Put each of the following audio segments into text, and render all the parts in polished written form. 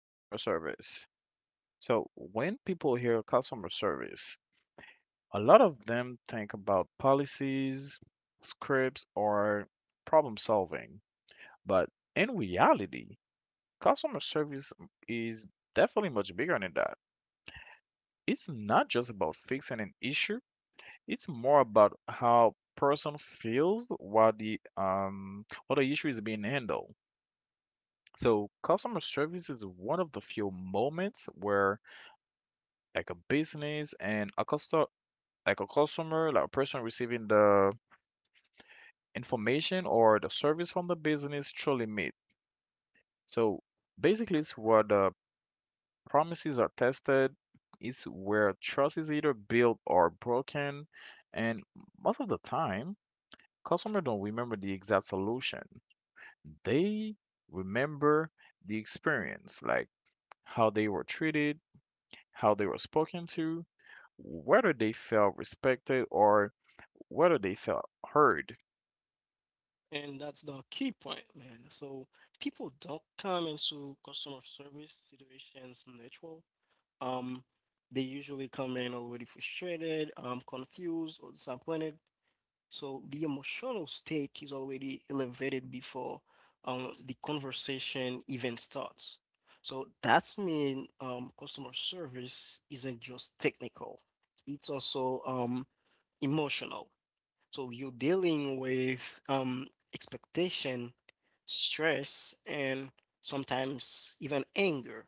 service. So, when people hear customer service, a lot of them think about policies, scripts, or problem solving. But in reality, customer service is definitely much bigger than that. It's not just about fixing an issue, it's more about how person feels while the issue is being handled. So customer service is one of the few moments where like a business and a customer, like a customer, like a person receiving the information or the service from the business truly meet. So basically it's where the promises are tested, it's where trust is either built or broken, and most of the time customers don't remember the exact solution. They remember the experience, like how they were treated, how they were spoken to, whether they felt respected or whether they felt heard. And that's the key point, man. So people don't come into customer service situations neutral. Um, they usually come in already frustrated, confused, or disappointed. So the emotional state is already elevated before the conversation even starts. So that's mean customer service isn't just technical; it's also emotional. So you're dealing with expectation, stress, and sometimes even anger.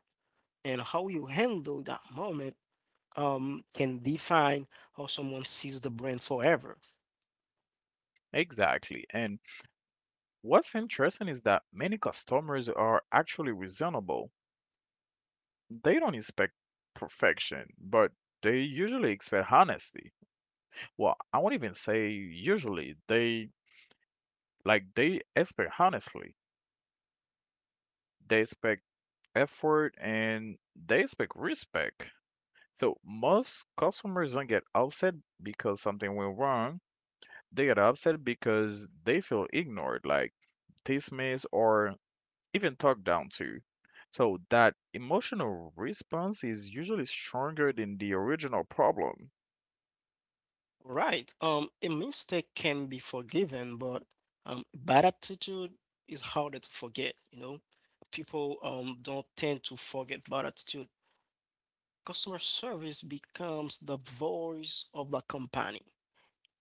And how you handle that moment can define how someone sees the brand forever. Exactly. And what's interesting is that many customers are actually reasonable. They don't expect perfection, but they usually expect honesty. Well, I won't even say usually. They expect honestly. They expect effort and they expect respect. So most customers don't get upset because something went wrong. They get upset because they feel ignored, like dismissed, or even talked down to. So that emotional response is usually stronger than the original problem. Right. A mistake can be forgiven, but bad attitude is harder to forget. You know, people don't tend to forget bad attitude. Customer service becomes the voice of the company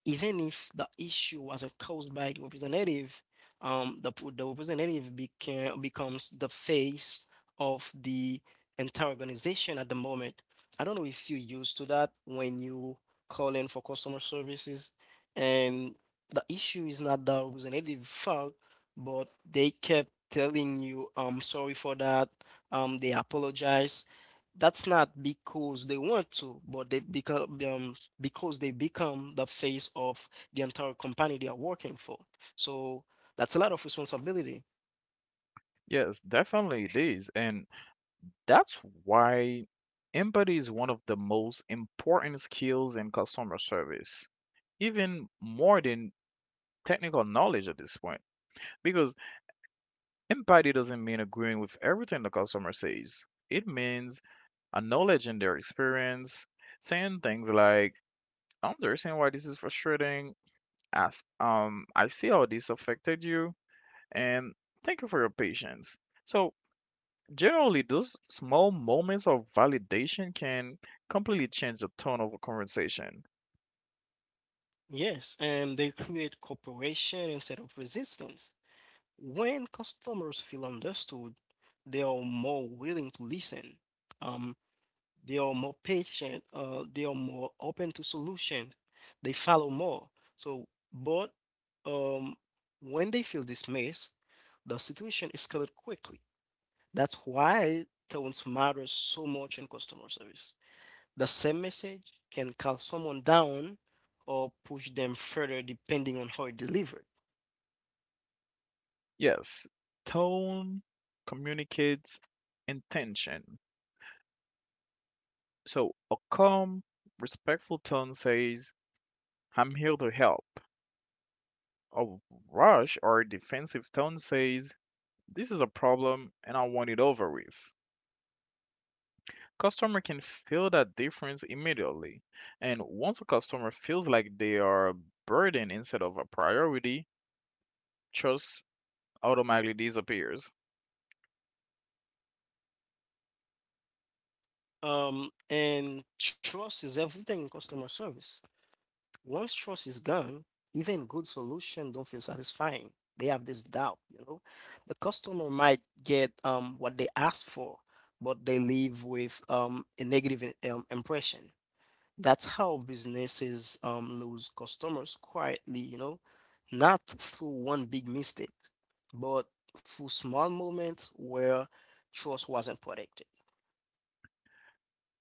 even if the issue wasn't caused by the representative. The representative becomes the face of the entire organization at the moment. I don't know if you used to that when you call in for customer services, and the issue is not the representative fault, but they kept telling you, "I'm sorry for that," they apologize. That's not because they want to, but they because they become the face of the entire company they are working for. So that's a lot of responsibility. Yes, definitely it is. And that's why empathy is one of the most important skills in customer service, even more than technical knowledge at this point. Because empathy doesn't mean agreeing with everything the customer says. It means acknowledging their experience, saying things like, I understand why this is frustrating, as I see how this affected you, and thank you for your patience. So generally those small moments of validation can completely change the tone of a conversation. Yes, and they create cooperation instead of resistance. When customers feel understood, they are more willing to listen. Um, they are more patient. They are more open to solutions. They follow more. So, but um, when they feel dismissed, the situation escalates quickly. That's why tones matter so much in customer service. The same message can calm someone down or push them further depending on how it's delivered. Yes, tone communicates intention. So a calm, respectful tone says, I'm here to help. A rush or defensive tone says, this is a problem and I want it over with. Customer can feel that difference immediately. And once a customer feels like they are a burden instead of a priority, trust automatically disappears. And trust is everything in customer service. Once trust is gone, even good solution don't feel satisfying. They have this doubt, you know. The customer might get what they asked for, but they leave with a negative impression. That's how businesses lose customers quietly, you know, not through one big mistake, but through small moments where trust wasn't protected.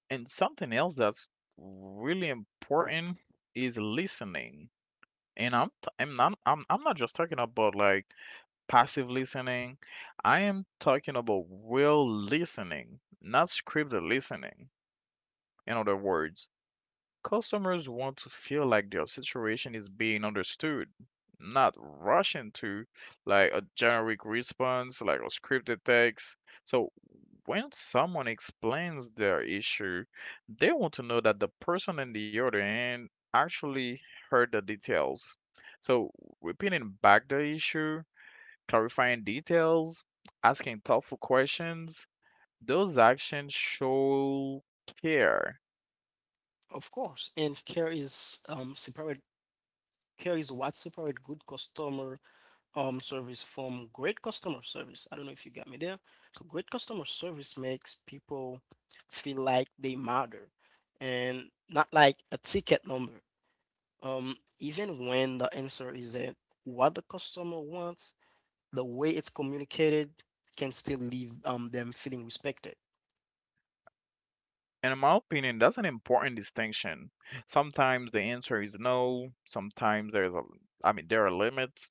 And something else that's really important is listening. And I'm t- I'm not I'm, I'm not just talking about like passive listening. I am talking about real listening, not scripted listening. In other words, customers want to feel like their situation is being understood, not rush into like a generic response, like a scripted text. So when someone explains their issue, they want to know that the person on the other end actually heard the details. So repeating back the issue, clarifying details, asking thoughtful questions, those actions show care. Of course, and care is what separate good customer service from great customer service. I don't know if you got me there. So great customer service makes people feel like they matter and not like a ticket number. Even when the answer is that what the customer wants, the way it's communicated can still leave them feeling respected. And in my opinion, that's an important distinction. Sometimes the answer is no, sometimes I mean, there are limits.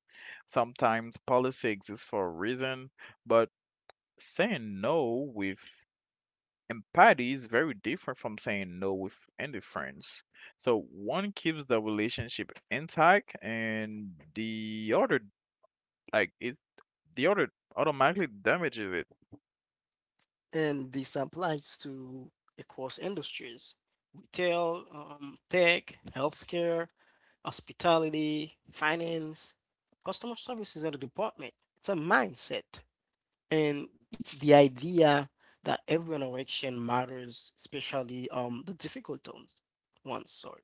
Sometimes policy exists for a reason, but saying no with empathy is very different from saying no with indifference. So one keeps the relationship intact and the other, like it the other automatically damages it. And this applies to across industries, retail, tech, healthcare, hospitality, finance. Customer service is not a department, it's a mindset. And it's the idea that every interaction matters, especially the difficult ones. Ones, sorry.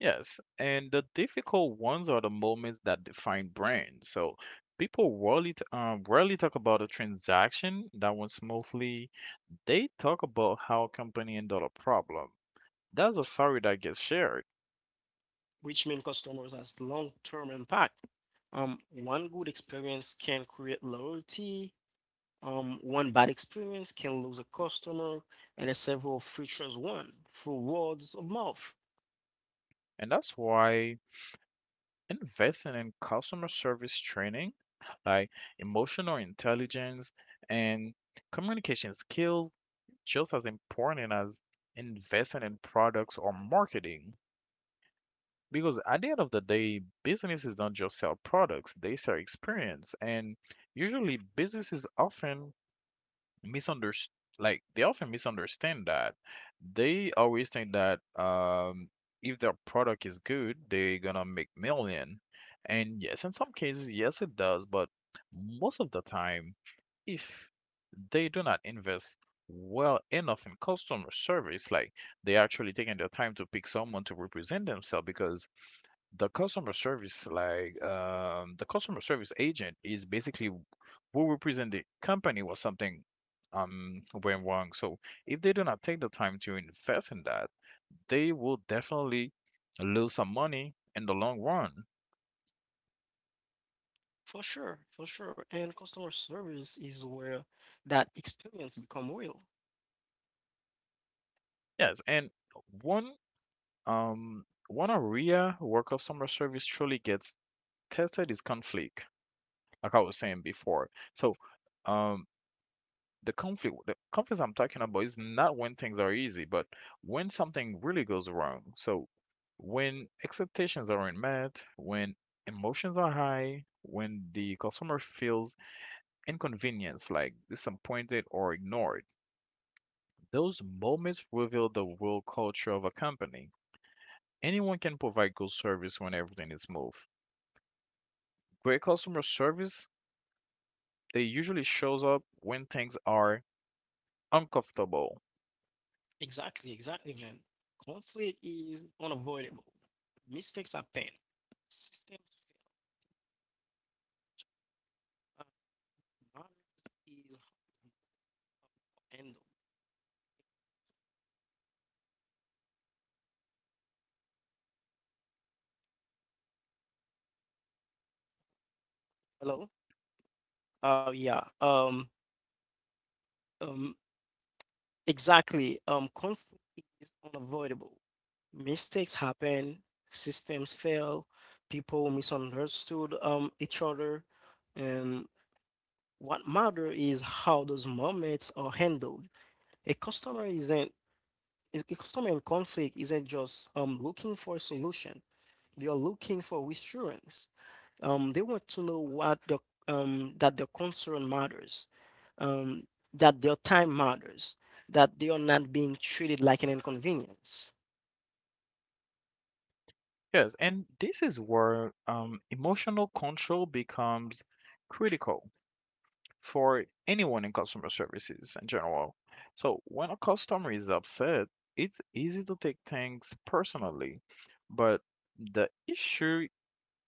Yes, and the difficult ones are the moments that define brands. So people rarely talk about a transaction that went smoothly. They talk about how a company handled a problem. That's a story that gets shared, Which means customers has long-term impact. One good experience can create loyalty. One bad experience can lose a customer, and there's several features one through words of mouth. and that's why investing in customer service training, like emotional intelligence and communication skills, just as important as investing in products or marketing. Because at the end of the day, businesses don't just sell products, they sell experience. And usually businesses often misunderstand that. They always think that if their product is good, they're gonna make million. And yes, in some cases, yes it does, but most of the time, if they do not invest well enough in customer service, like they actually taking their time to pick someone to represent themselves, because the customer service, the customer service agent is basically who represent the company or something went wrong. So if they do not take the time to invest in that, they will definitely lose some money in the long run. For sure, for sure. And customer service is where that experience become real. Yes, and one one area where customer service truly gets tested is conflict, like I was saying before. So, um the conflicts I'm talking about is not when things are easy, but when something really goes wrong. So when expectations aren't met, when emotions are high, when the customer feels inconvenienced, like disappointed or ignored, those moments reveal the real culture of a company. Anyone can provide good service when everything is smooth. Great customer service, they usually shows up when things are uncomfortable. Exactly, exactly, man. Conflict is unavoidable. Mistakes happen. Systems fail. Uh, Matters is how to handle. Hello? Oh yeah. Um, exactly. Conflict is unavoidable. Mistakes happen, systems fail, people misunderstood each other, and what matter is how those moments are handled. A customer isn't a customer in conflict isn't just looking for a solution. They are looking for reassurance. They want to know what the that their concern matters, um, that their time matters, that they are not being treated like an inconvenience. Yes, and this is where emotional control becomes critical for anyone in customer services in general. So, when a customer is upset, it's easy to take things personally, but the issue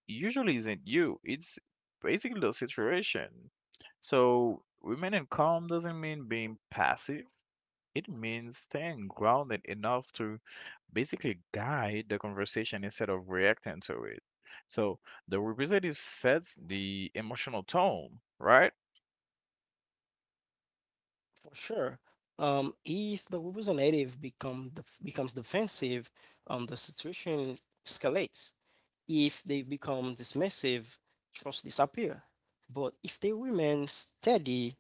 usually isn't you, it's basically the situation. So, remaining calm doesn't mean being passive, it means staying grounded enough to basically guide the conversation instead of reacting to it. So the representative sets the emotional tone, right? For sure, if the representative becomes defensive, the situation escalates. If they become dismissive, trust disappear. But if they remain steady,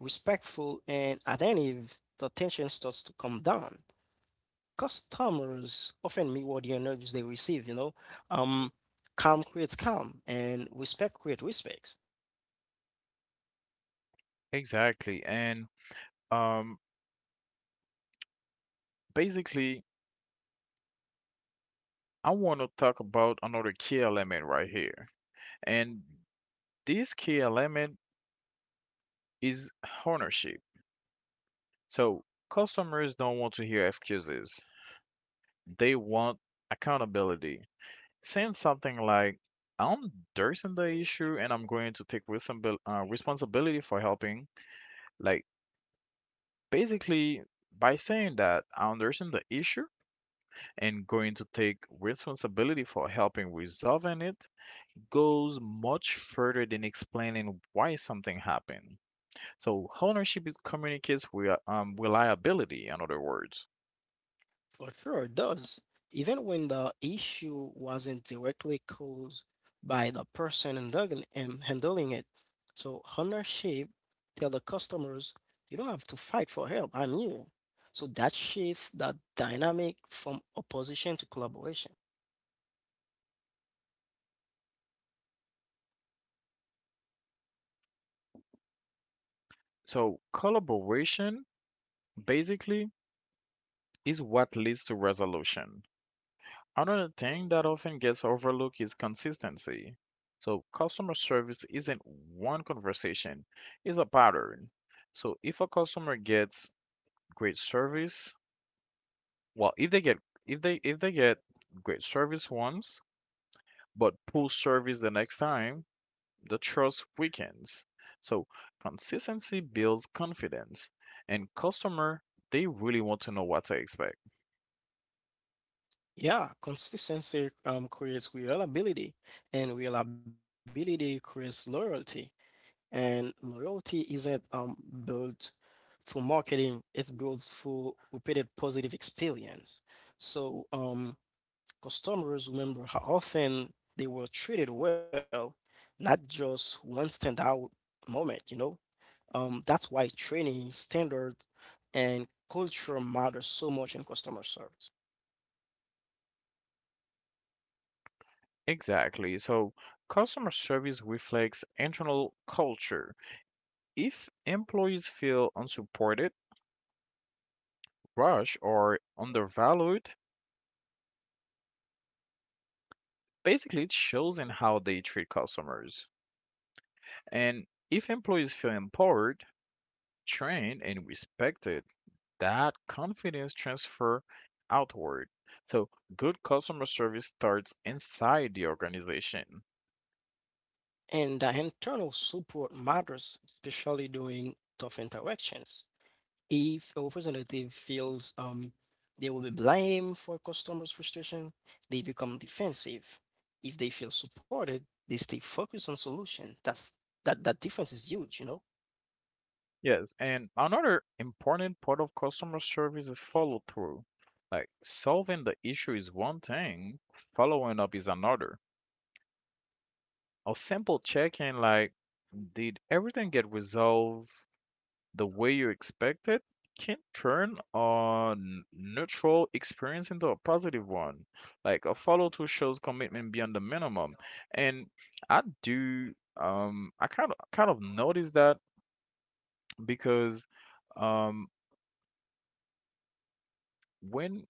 respectful, and attentive, the tension starts to come down. Customers often mirror the energies they receive, you know. Um, Calm creates calm and respect creates respect. Exactly. And um, basically, I want to talk about another key element right here. And this key element is ownership. So customers don't want to hear excuses, they want accountability. Saying something like, I'm addressing the issue and I'm going to responsibility for helping. Like, basically, by saying that I understand the issue and going to take responsibility for helping resolving it goes much further than explaining why something happened. So, ownership is- communicates with reliability, in other words. For sure, it does. Even when the issue wasn't directly caused by the person handling, handling it. So ownership tell the customers, you don't have to fight for help, I'm here. So that shifts the dynamic from opposition to collaboration. So, collaboration basically is what leads to resolution. Another thing that often gets overlooked is consistency. So, customer service isn't one conversation, it's a pattern. So, if a customer gets great service, well, if they get great service once but poor service the next time, the trust weakens. So, consistency builds confidence, and customer they really want to know what to expect. Yeah, consistency creates reliability, and reliability creates loyalty. And loyalty isn't built through marketing, it's built through repeated positive experience. So customers remember how often they were treated well, not just one standout moment, you know? That's why training, standard, and culture matter so much in customer service. Exactly. So, customer service reflects internal culture. If employees feel unsupported, rushed, or undervalued, basically it shows in how they treat customers. And if employees feel empowered, trained, and respected, that confidence transfer outward. So good customer service starts inside the organization. And the internal support matters, especially during tough interactions. If a representative feels they will be blamed for customers' frustration, they become defensive. If they feel supported, they stay focused on solution. That difference is huge, you know. Yes, and another important part of customer service is follow through. Like solving the issue is one thing, following up is another. Or simple checking like, did everything get resolved the way you expected? Can turn a neutral experience into a positive one. Like a follow through shows commitment beyond the minimum. And I do, um, I kind of noticed that because um when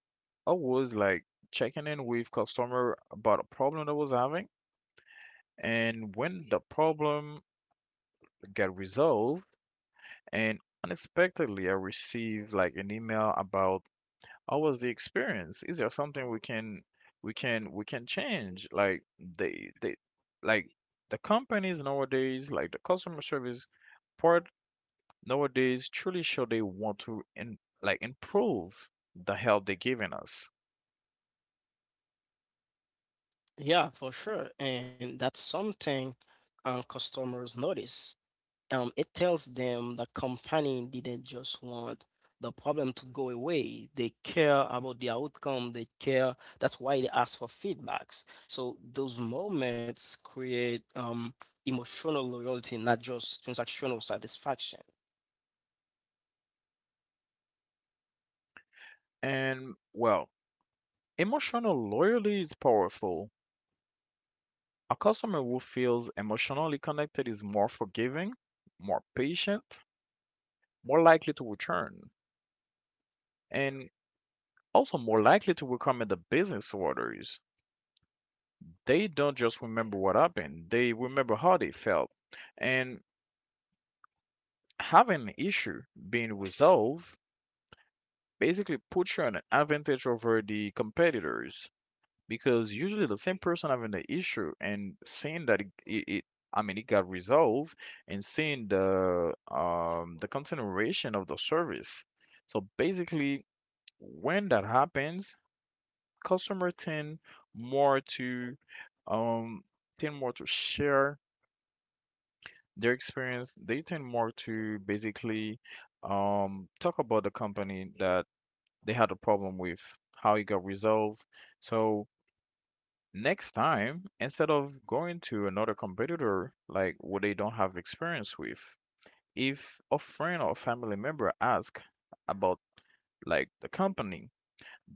I was like checking in with customer about a problem that was having, and when the problem get resolved, and unexpectedly I received like an email about, how was the experience? Is there something we can change? Like they like the companies nowadays, like the customer service part nowadays truly show they want to in, like improve the help they're giving us. Yeah, for sure, and that's something customers notice. It tells them the company didn't just want the problem to go away. They care about the outcome. They care. That's why they ask for feedbacks. So those moments create emotional loyalty, not just transactional satisfaction. And well, emotional loyalty is powerful. A customer who feels emotionally connected is more forgiving, more patient, more likely to return, and also more likely to recommend the business orders. They don't just remember what happened, they remember how they felt. And having an issue being resolved basically puts you on an advantage over the competitors, because usually the same person having the issue and seeing that it I mean, it got resolved and seeing the continuation of the service. So basically, when that happens, customer tend more to um share their experience. They tend more to basically talk about the company that they had a problem with, how it got resolved. So next time, instead of going to another competitor like what they don't have experience with, if a friend or family member ask about like the company,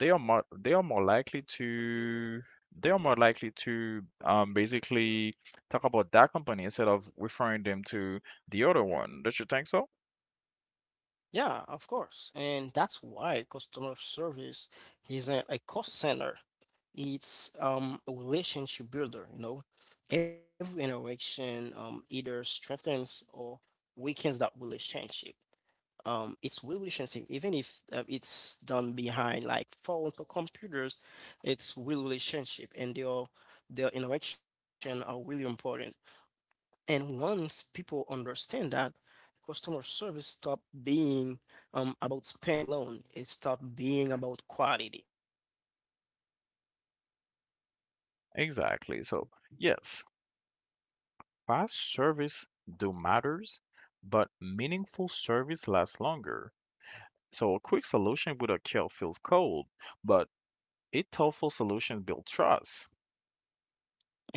they are more likely to they are more likely to basically talk about that company instead of referring them to the other one. Don't you think so? Yeah, of course. And that's why customer service isn't a cost center. It's a relationship builder, you know. Every interaction either strengthens or weakens that relationship. It's relationship, even if it's done behind like phones or computers, it's real relationship, and their interaction are really important. And once people understand that, customer service stop being about spend alone. It stop being about quality. Exactly. So, yes, fast service do matters, but meaningful service lasts longer. So a quick solution with a kill feels cold, but a thoughtful solution builds trust.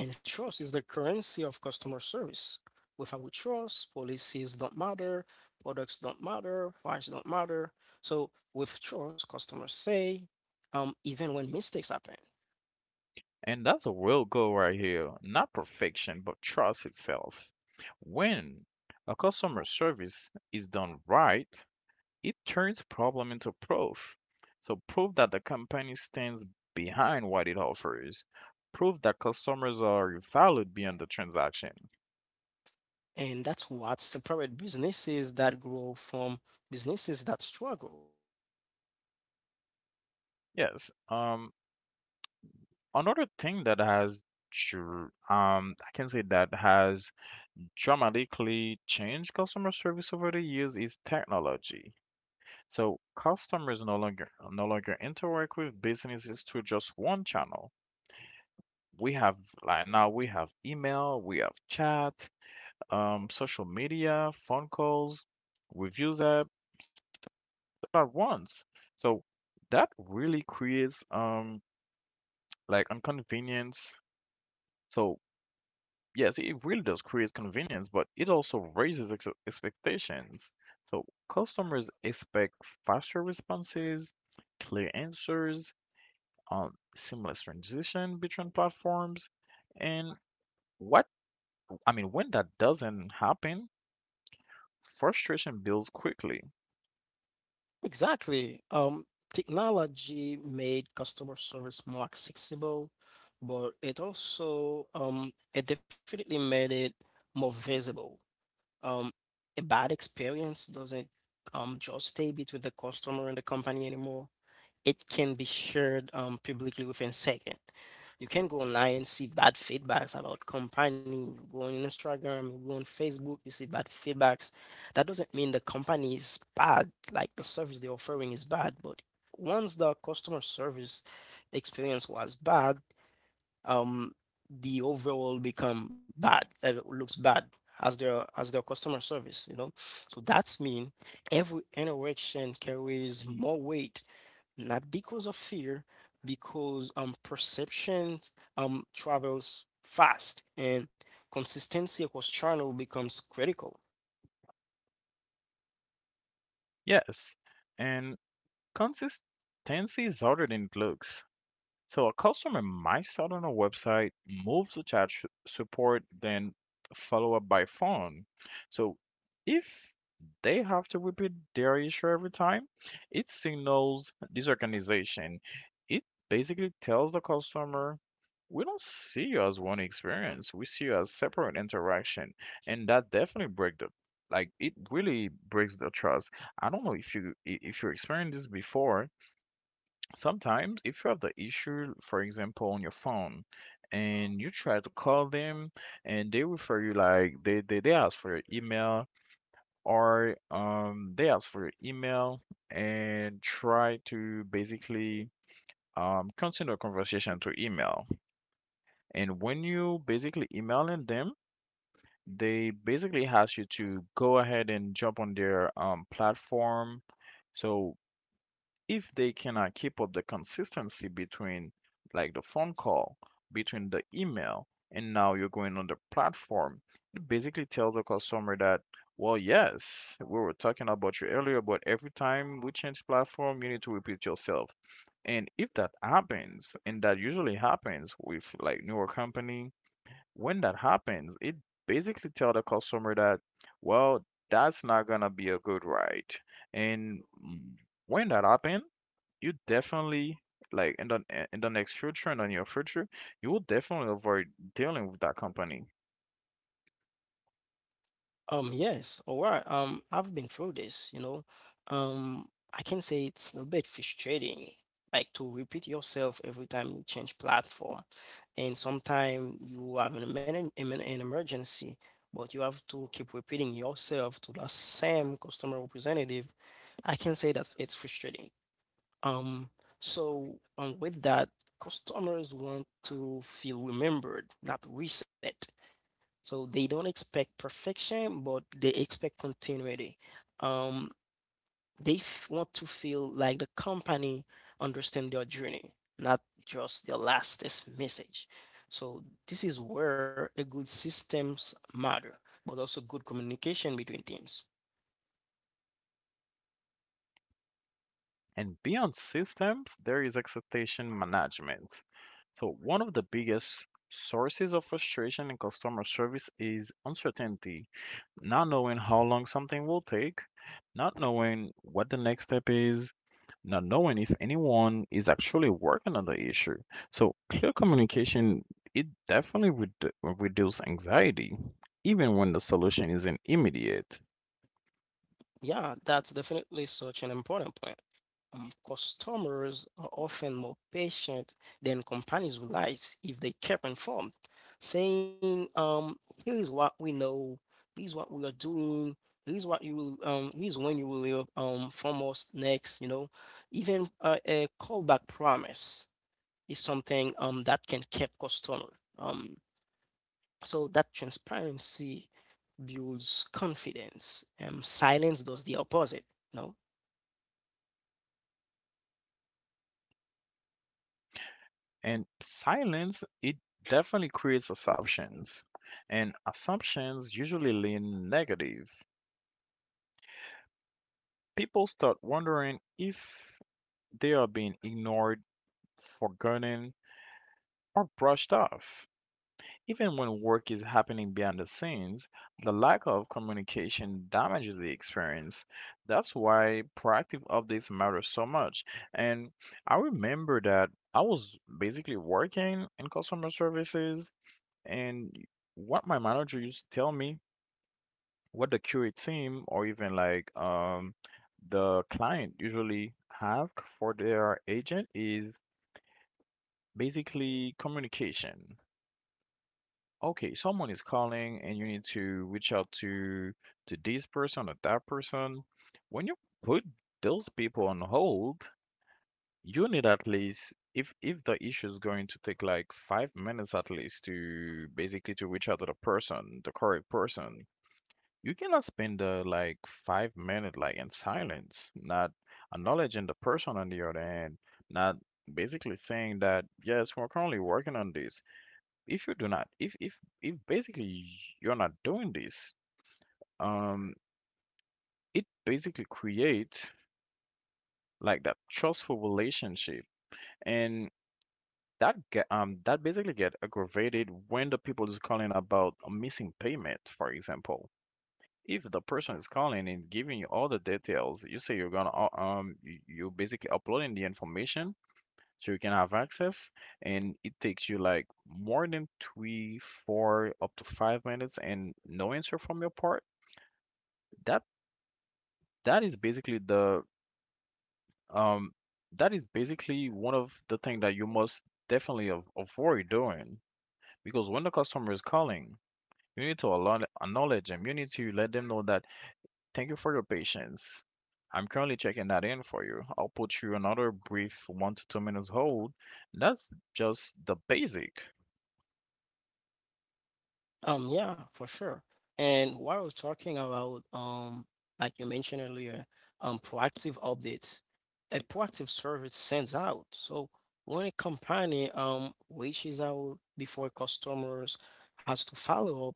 And trust is the currency of customer service. Without trust, policies don't matter, products don't matter, price don't matter. So with trust, customers say, even when mistakes happen. And that's a real goal right here. Not perfection, but trust itself. When a customer service is done right, it turns problem into proof. So proof that the company stands behind what it offers. Proof that customers are valued beyond the transaction. And that's what separate businesses that grow from businesses that struggle. Yes. Another thing that has dr- um I can say that has dramatically changed customer service over the years is technology. So customers no longer interact with businesses through just one channel. We have like now we have email, we have chat, social media, phone calls, reviews app at once. So that really creates like inconvenience. So yes, it really does create convenience, but it also raises expectations. So customers expect faster responses, clear answers, seamless transition between platforms, and what I mean when that doesn't happen, frustration builds quickly. Exactly. Technology made customer service more accessible, but it also it definitely made it more visible. Um, a bad experience doesn't just stay between the customer and the company anymore. It can be shared publicly within second. You can go online and see bad feedbacks about company. You go on Instagram, you go on Facebook, you see bad feedbacks. That doesn't mean the company is bad, like the service they're offering is bad, but once the customer service experience was bad, um the overall become bad, it looks bad as their customer service, you know. So that's mean every interaction carries more weight, not because of fear, because perceptions travels fast and consistency across channel becomes critical. Yes, and consistency is harder than it looks. So a customer might start on a website, move to support, then follow up by phone. So if they have to repeat their issue every time, it signals disorganization. It basically tells the customer, we don't see you as one experience. We see you as separate interaction. And that definitely break the like it really breaks the trust. I don't know if you experienced this before. Sometimes, if you have the issue, for example, on your phone, and you try to call them, and they refer you like they ask for your email, or they ask for your email and try to basically continue a conversation through email. And when you basically emailing them, they basically ask you to go ahead and jump on their platform. So if they cannot keep up the consistency between like the phone call, between the email, and now you're going on the platform, it basically tells the customer that, well, yes, we were talking about you earlier, but every time we change platform, you need to repeat yourself. And if that happens, and that usually happens with like newer company, when that happens, it basically tell the customer that, well, that's not gonna be a good ride. And mm, when that happens, you definitely like in the next future and on your future, you will definitely avoid dealing with that company. Yes, all right. I've been through this, you know. Um, I can say it's a bit frustrating, like to repeat yourself every time you change platform. And sometimes you have an, an emergency, but you have to keep repeating yourself to the same customer representative. I can say that it's frustrating. Um, so with that, customers want to feel remembered, not reset. So they don't expect perfection, but they expect continuity. Um, they f want to feel like the company understand their journey, not just their lastest message. So this is where a good systems matter, but also good communication between teams. And beyond systems, there is expectation management. So one of the biggest sources of frustration in customer service is uncertainty, not knowing how long something will take, not knowing what the next step is, not knowing if anyone is actually working on the issue. So clear communication, it definitely would reduce anxiety, even when the solution isn't immediate. Yeah, that's definitely such an important point. Customers are often more patient than companies realize if they kept informed, saying, here is what we know, here's what we are doing, here's when you will hear from us next, you know. Even a callback promise is something that can keep customer. So that transparency builds confidence. Silence does the opposite, no? And silence, it definitely creates assumptions. And assumptions usually lean negative. People start wondering if they are being ignored, forgotten, or brushed off. Even when work is happening behind the scenes, the lack of communication damages the experience. That's why proactive updates matter so much. And I remember that I was basically working in customer services, and what my manager used to tell me what the QA team or even the client usually have for their agent is basically communication. Okay, someone is calling and you need to reach out to this person or that person. When you put those people on hold, you need at least if the issue is going to take like 5 minutes at least to basically to reach out to the person, the correct person. You cannot spend like 5 minutes like in silence, not acknowledging the person on the other hand, not basically saying that yes, we're currently working on this. If you do not, if basically you're not doing this, um, it basically creates like that trustful relationship, and that get that basically get aggravated when the people is calling about a missing payment. For example, if the person is calling and giving you all the details, you say you, you basically uploading the information so you can have access, and it takes you like more than three, four, up to 5 minutes, and no answer from your part. That that is basically the um that is basically one of the things that you must definitely avoid doing, because when the customer is calling, you need to acknowledge them. You need to let them know that thank you for your patience. I'm currently checking that in for you. I'll put you another brief 1 to 2 minutes hold. That's just the basic. Yeah, for sure. And what I was talking about, like you mentioned earlier, proactive updates. A proactive service sends out. So when a company reaches out before customers has to follow up,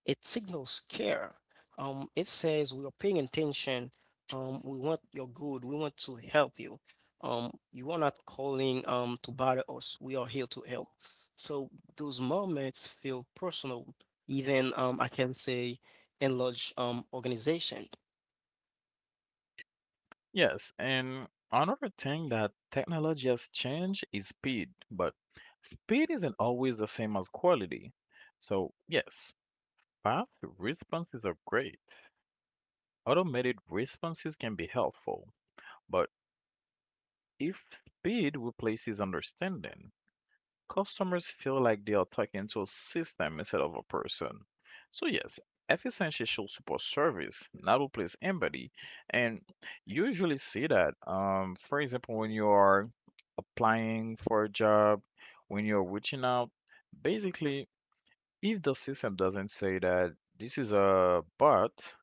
it signals care. It says we are paying attention. We want your good. We want to help you. You are not calling to bother us. We are here to help. So those moments feel personal even I can say enlarge organization. Yes, and another thing that technology has changed is speed, but speed isn't always the same as quality. So, yes, fast responses are great. Automated responses can be helpful, but if speed replaces understanding, customers feel like they are talking to a system instead of a person. So, yes, efficiency should support service, not replace empathy. And you usually see that, for example, when you are applying for a job, when you're reaching out, basically, if the system doesn't say that this is a bot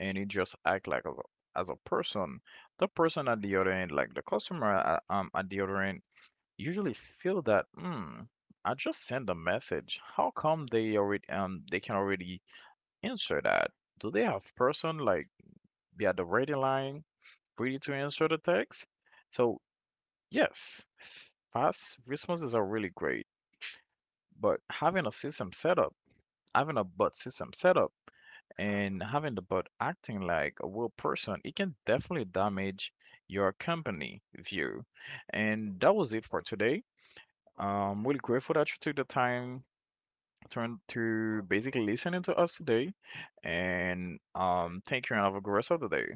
and it just act like as a person, the person at the other end, like the customer at the other end, usually feel that, hmm, I just sent a message. How come they can already answer that? Do they have person like be at the ready line ready to answer the text? So yes, fast responses are really great, but having a system set up, having a bot system set up, and having the bot acting like a real person, it can definitely damage your company view. And that was it for today. I'm really grateful that you took the time turned to basically listening to us today. And thank you and have a great rest of the day.